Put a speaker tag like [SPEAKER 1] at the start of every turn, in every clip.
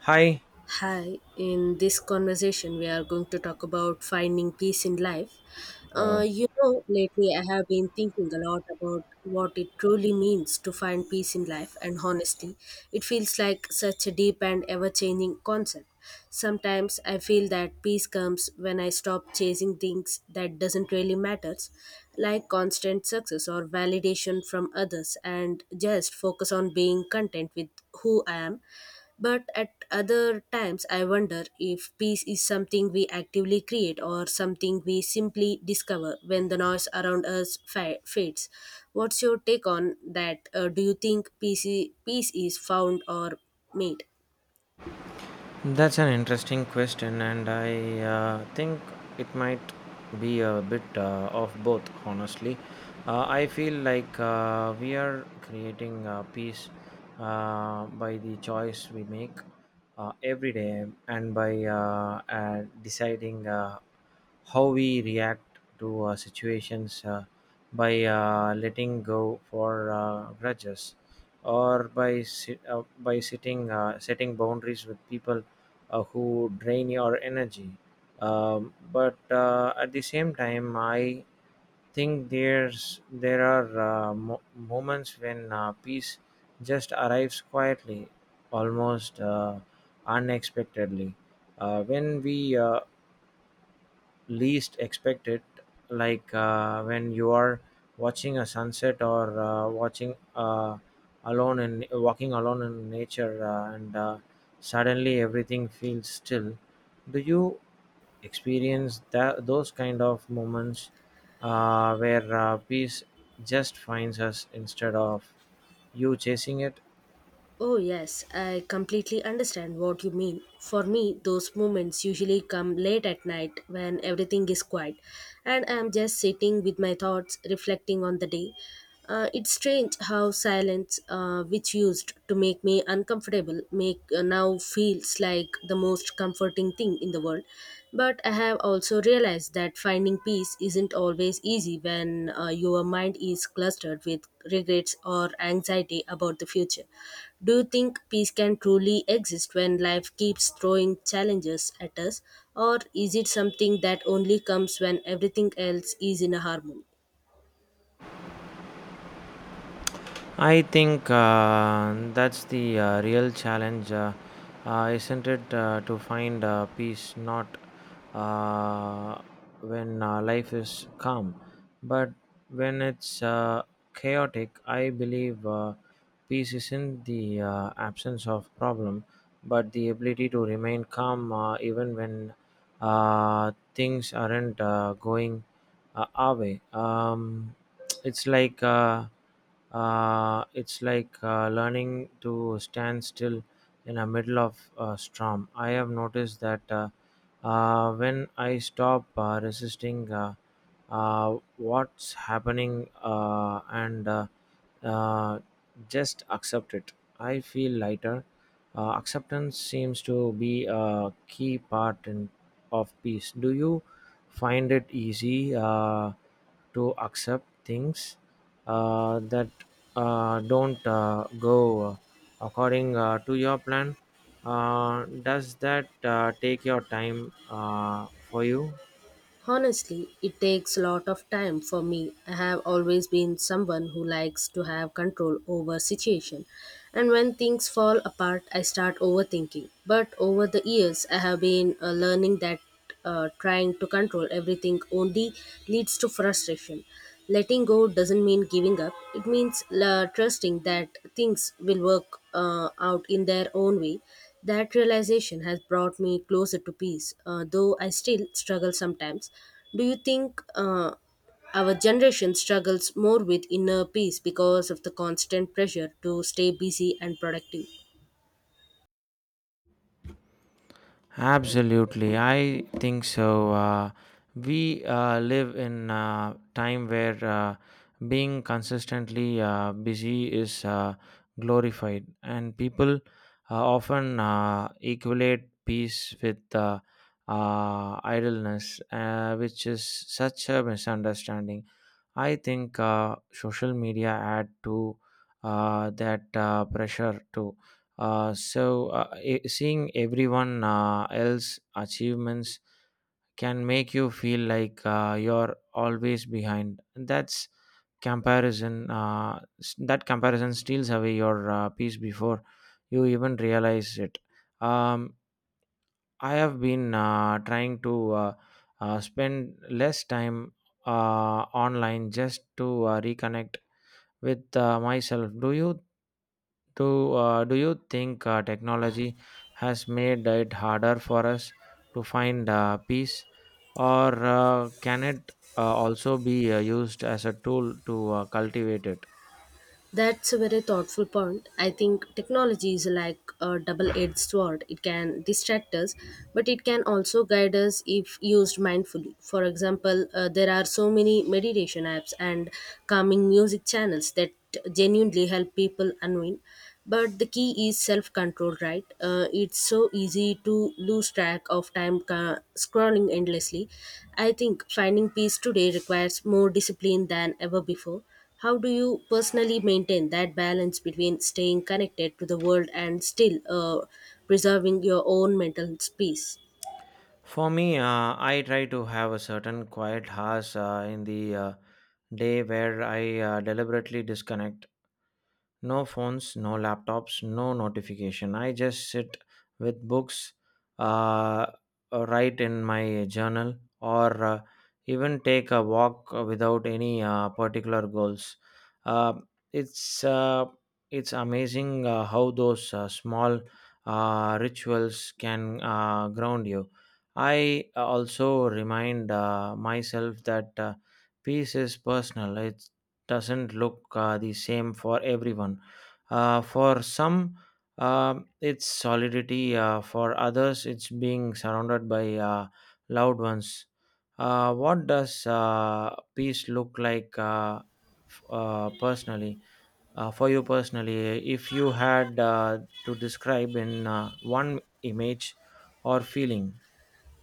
[SPEAKER 1] Hi,
[SPEAKER 2] Hi, in this conversation, we are going to talk about finding peace in life.
[SPEAKER 1] uh,
[SPEAKER 2] Lately I have been thinking a lot about what it truly means to find peace in life, and honestly, it feels like such a deep and ever changing concept. Sometimes I feel that peace comes when I stop chasing things that doesn't really matter, like constant success or validation from others and just focus on being content with who I am but at other times, I wonder if peace is something we actively create or something we simply discover when the noise around us fades. What's your take on that? Do you think peace, peace is found or made?
[SPEAKER 1] that's an interesting question, and I think it might be a bit of both, honestly. I feel like we are creating peace by the choice we make every day and by deciding how we react to situations, by letting go for grudges or by sitting setting boundaries with people who drain your energy. But at the same time I think there's there are mo- moments when peace just arrives quietly, almost unexpectedly, when we least expect it, like when you are watching a sunset or watching alone and walking alone in nature, and suddenly everything feels still. Do you experience that, those kind of moments where peace just finds us instead of you chasing it?
[SPEAKER 2] Oh, yes, I completely understand what you mean. For me, those moments usually come late at night when everything is quiet and I am just sitting with my thoughts, reflecting on the day. It's strange how silence, which used to make me uncomfortable, make now feels like the most comforting thing in the world. But I have also realized that finding peace isn't always easy when your mind is clustered with regrets or anxiety about the future. Do you think peace can truly exist when life keeps throwing challenges at us, or is it something that only comes when everything else is in a harmony?
[SPEAKER 1] I think that's the real challenge, isn't it? To find peace not uh, when life is calm, but when it's chaotic. I believe peace isn't the absence of problem, but the ability to remain calm even when things aren't going our way. It's like learning to stand still in the middle of a storm. I have noticed that when I stop resisting what's happening and uh, just accept it, I feel lighter. Acceptance seems to be a key part in, of peace. Do you find it easy to accept things that don't go according to your plan? Does that take your time for you?
[SPEAKER 2] Honestly, it takes a lot of time for me. I have always been someone who likes to have control over situation. And when things fall apart, I start overthinking. But over the years, I have been learning that trying to control everything only leads to frustration. Letting go doesn't mean giving up. It means trusting that things will work out in their own way. That realization has brought me closer to peace, though I still struggle sometimes. Do you think our generation struggles more with inner peace because of the constant pressure to stay busy and productive?
[SPEAKER 1] Absolutely, I think so. We live in a time where being consistently busy is glorified, and people often equate peace with idleness, which is such a misunderstanding. I think social media add to that pressure too. So seeing everyone else achievements can make you feel like you're always behind. That's comparison. That comparison steals away your peace before you even realize it. Um, I have been trying to spend less time uh, online just to reconnect with myself. Do you think technology has made it harder for us to find peace, or can it also be used as a tool to cultivate it?
[SPEAKER 2] That's a very thoughtful point. I think technology is like a double edged sword. It can distract us, but it can also guide us if used mindfully. For example, there are so many meditation apps and calming music channels that genuinely help people unwind. But the key is self control, right? It's so easy to lose track of time scrolling endlessly. I think finding peace today requires more discipline than ever before. How do you personally maintain that balance between staying connected to the world and still preserving your own mental space?
[SPEAKER 1] For me, I try to have a certain quiet hours in the day where I deliberately disconnect. No phones, no laptops, no notification. I just sit with books, uh, write in my journal, or even take a walk without any particular goals. Uh, it's uh, it's amazing how those small rituals can ground you. I also remind myself that peace is personal. It's doesn't look the same for everyone. For some, um it's solidity. For others, it's being surrounded by uh, loved ones. What does peace look like f- personally? For you personally, if you had to describe in one image or feeling?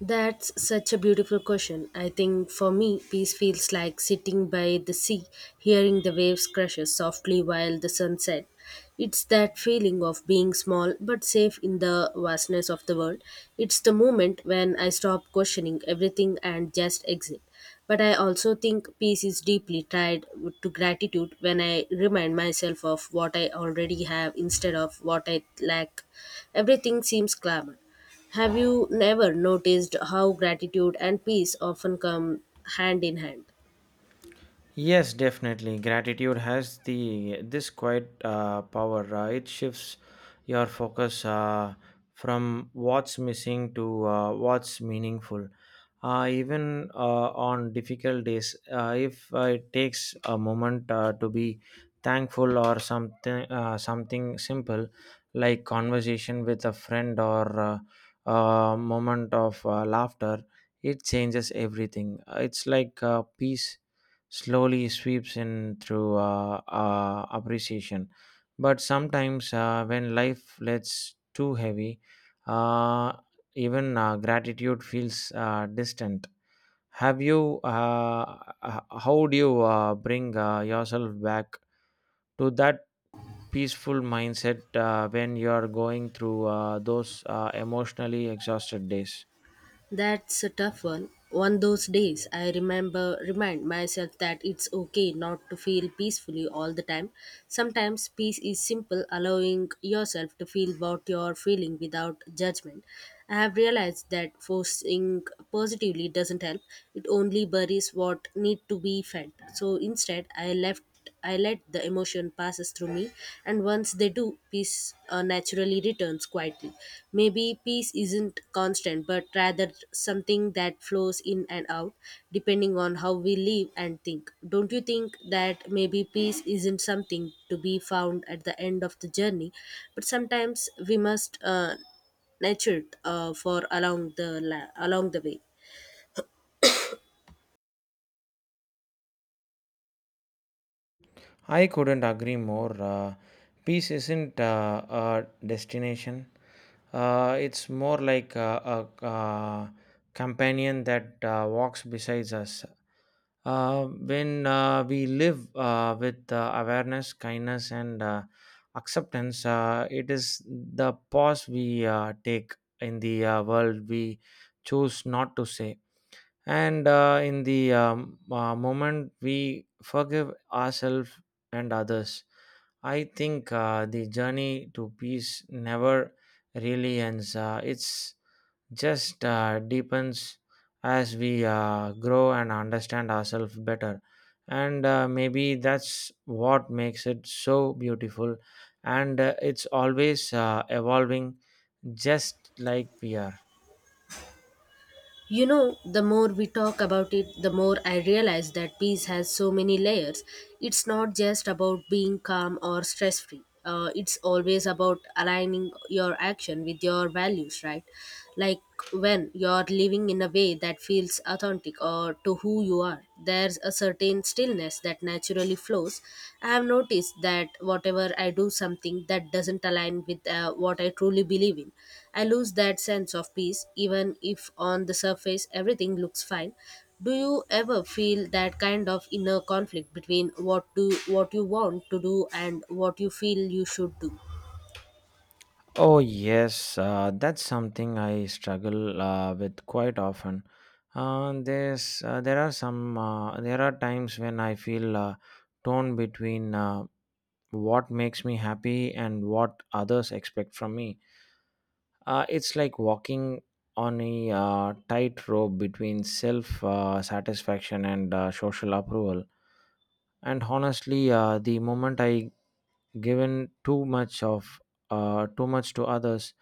[SPEAKER 2] That's such a beautiful question. I think for me, peace feels like sitting by the sea, hearing the waves crash softly while the sun sets. It's that feeling of being small but safe in the vastness of the world. It's the moment when I stop questioning everything and just exist. But I also think peace is deeply tied to gratitude when I remind myself of what I already have instead of what I lack. Everything seems clamor. Have you never noticed how gratitude and peace often come hand in hand?
[SPEAKER 1] Yes, definitely. Gratitude has the this quiet power. It shifts your focus from what's missing to what's meaningful. Even on difficult days, if it takes a moment to be thankful or something, something simple like conversation with a friend or a moment of laughter, it changes everything. It's like peace slowly sweeps in through appreciation. But sometimes, when life gets too heavy, uh, even gratitude feels distant. Have you, uh, how do you bring yourself back to that peaceful mindset when you are going through those emotionally exhausted days?
[SPEAKER 2] That's a tough one. One those days I remember remind myself that it's okay not to feel peacefully all the time. Sometimes peace is simple allowing yourself to feel what you're feeling without judgment. I have realized that forcing positively doesn't help. It only buries what need to be fed. So instead I let the emotion passes through me, and once they do, peace naturally returns quietly. Maybe peace isn't constant, but rather something that flows in and out, depending on how we live and think. Don't you think that maybe peace isn't something to be found at the end of the journey, but sometimes we must nurture it for along the way.
[SPEAKER 1] I couldn't agree more. Peace isn't a destination, it's more like a companion that walks beside us. When we live with awareness, kindness, and acceptance, it is the pause we take in the world we choose not to say. And in the moment we forgive ourselves and others, I think the journey to peace never really ends. It's just deepens as we grow and understand ourselves better. And maybe that's what makes it so beautiful. And it's always evolving, just like we are.
[SPEAKER 2] You know, the more we talk about it, the more I realize that peace has so many layers. It's not just about being calm or stress free. It's always about aligning your action with your values, right? Like when you're living in a way that feels authentic or to who you are, there's a certain stillness happiness that naturally flows. I have noticed that whatever I do something that doesn't align with what I truly believe in, I lose that sense of peace even if on the surface everything looks fine. Do you ever feel that kind of inner conflict between what you want to do and what you feel you should do?
[SPEAKER 1] Oh, yes, that's something I struggle with quite often. There are times when I feel torn between what makes me happy and what others expect from me. It's like walking on a tightrope between self satisfaction and social approval. And honestly, the moment I given too much of too much to others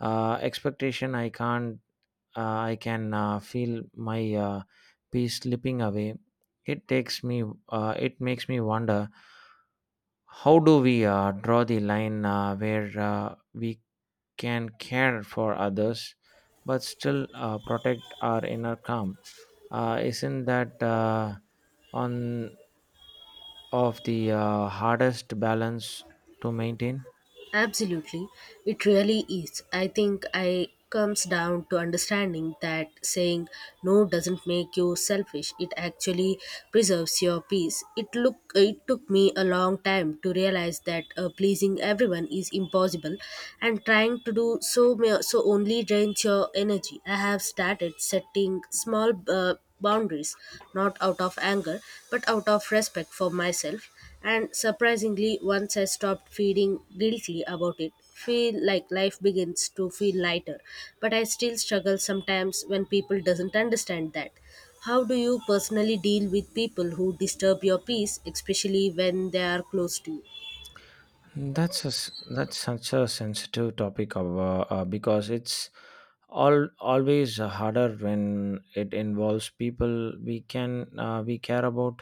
[SPEAKER 1] expectation I can't I can feel my peace slipping away. It takes me, it makes me wonder, how do we draw the line where we can care for others but still protect our inner calm? Isn't that on of the hardest balance to maintain?
[SPEAKER 2] Absolutely, it really is. I think I comes down to understanding that saying no doesn't make you selfish. It actually preserves your peace. It took me a long time to realize that pleasing everyone is impossible, and trying to do so only drains your energy. I have started setting small boundaries, not out of anger but out of respect for myself. And surprisingly, once I stopped feeling guilty about it, feel like life begins to feel lighter. But I still struggle sometimes when people doesn't understand that. How do you personally deal with people who disturb your peace, especially when they are close to you?
[SPEAKER 1] That's such a sensitive topic of, because it's all always harder when it involves people we care about.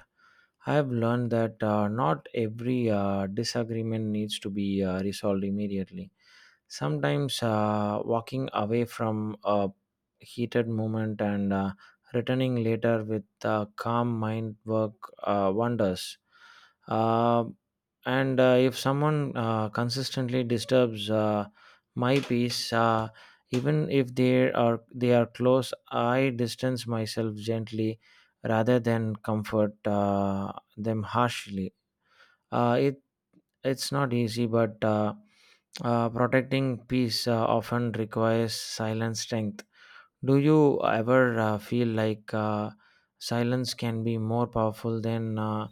[SPEAKER 1] I have learned that not every disagreement needs to be resolved immediately. Sometimes walking away from a heated moment and returning later with a calm mind work wonders. Uh, and if someone consistently disturbs my peace, even if they are close, I distance myself gently rather than comfort them harshly. Uh, it it's not easy, but protecting peace often requires silent strength. Do you ever feel like silence can be more powerful than uh,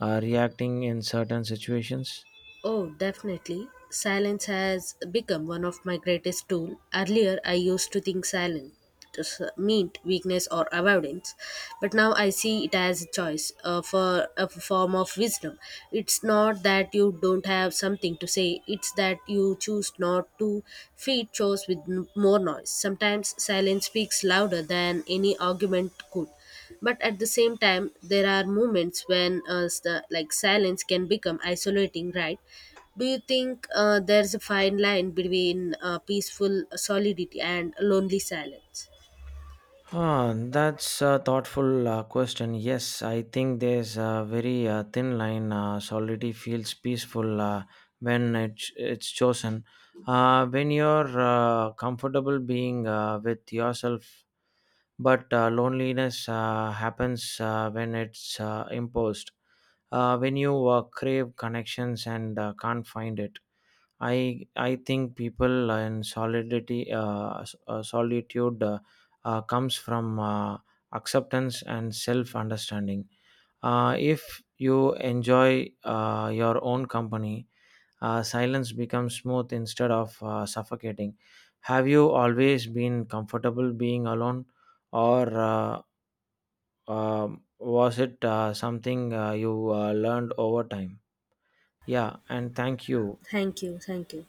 [SPEAKER 1] uh, reacting in certain situations?
[SPEAKER 2] Oh, definitely. Silence has become one of my greatest tools. Earlier, I used to think silence just meant weakness or avoidance, but now I see it as a choice for a form of wisdom. It's not that you don't have something to say; it's that you choose not to feed chores with more noise. Sometimes silence speaks louder than any argument could but at the same time there are moments when like silence can become isolating, right? Do you think there's a fine line between peaceful solidity and lonely silence?
[SPEAKER 1] Huh, that's a thoughtful question. Yes, I think there's a very thin line. Solidity feels peaceful when it's chosen. When you're comfortable being with yourself. But loneliness happens when it's imposed, when you crave connections and can't find it. I think people in solidity solitude comes from acceptance and self understanding. If you enjoy your own company, silence becomes smooth instead of suffocating. Have you always been comfortable being alone, or was it something you learned over time? Yeah, and thank you.
[SPEAKER 2] Thank you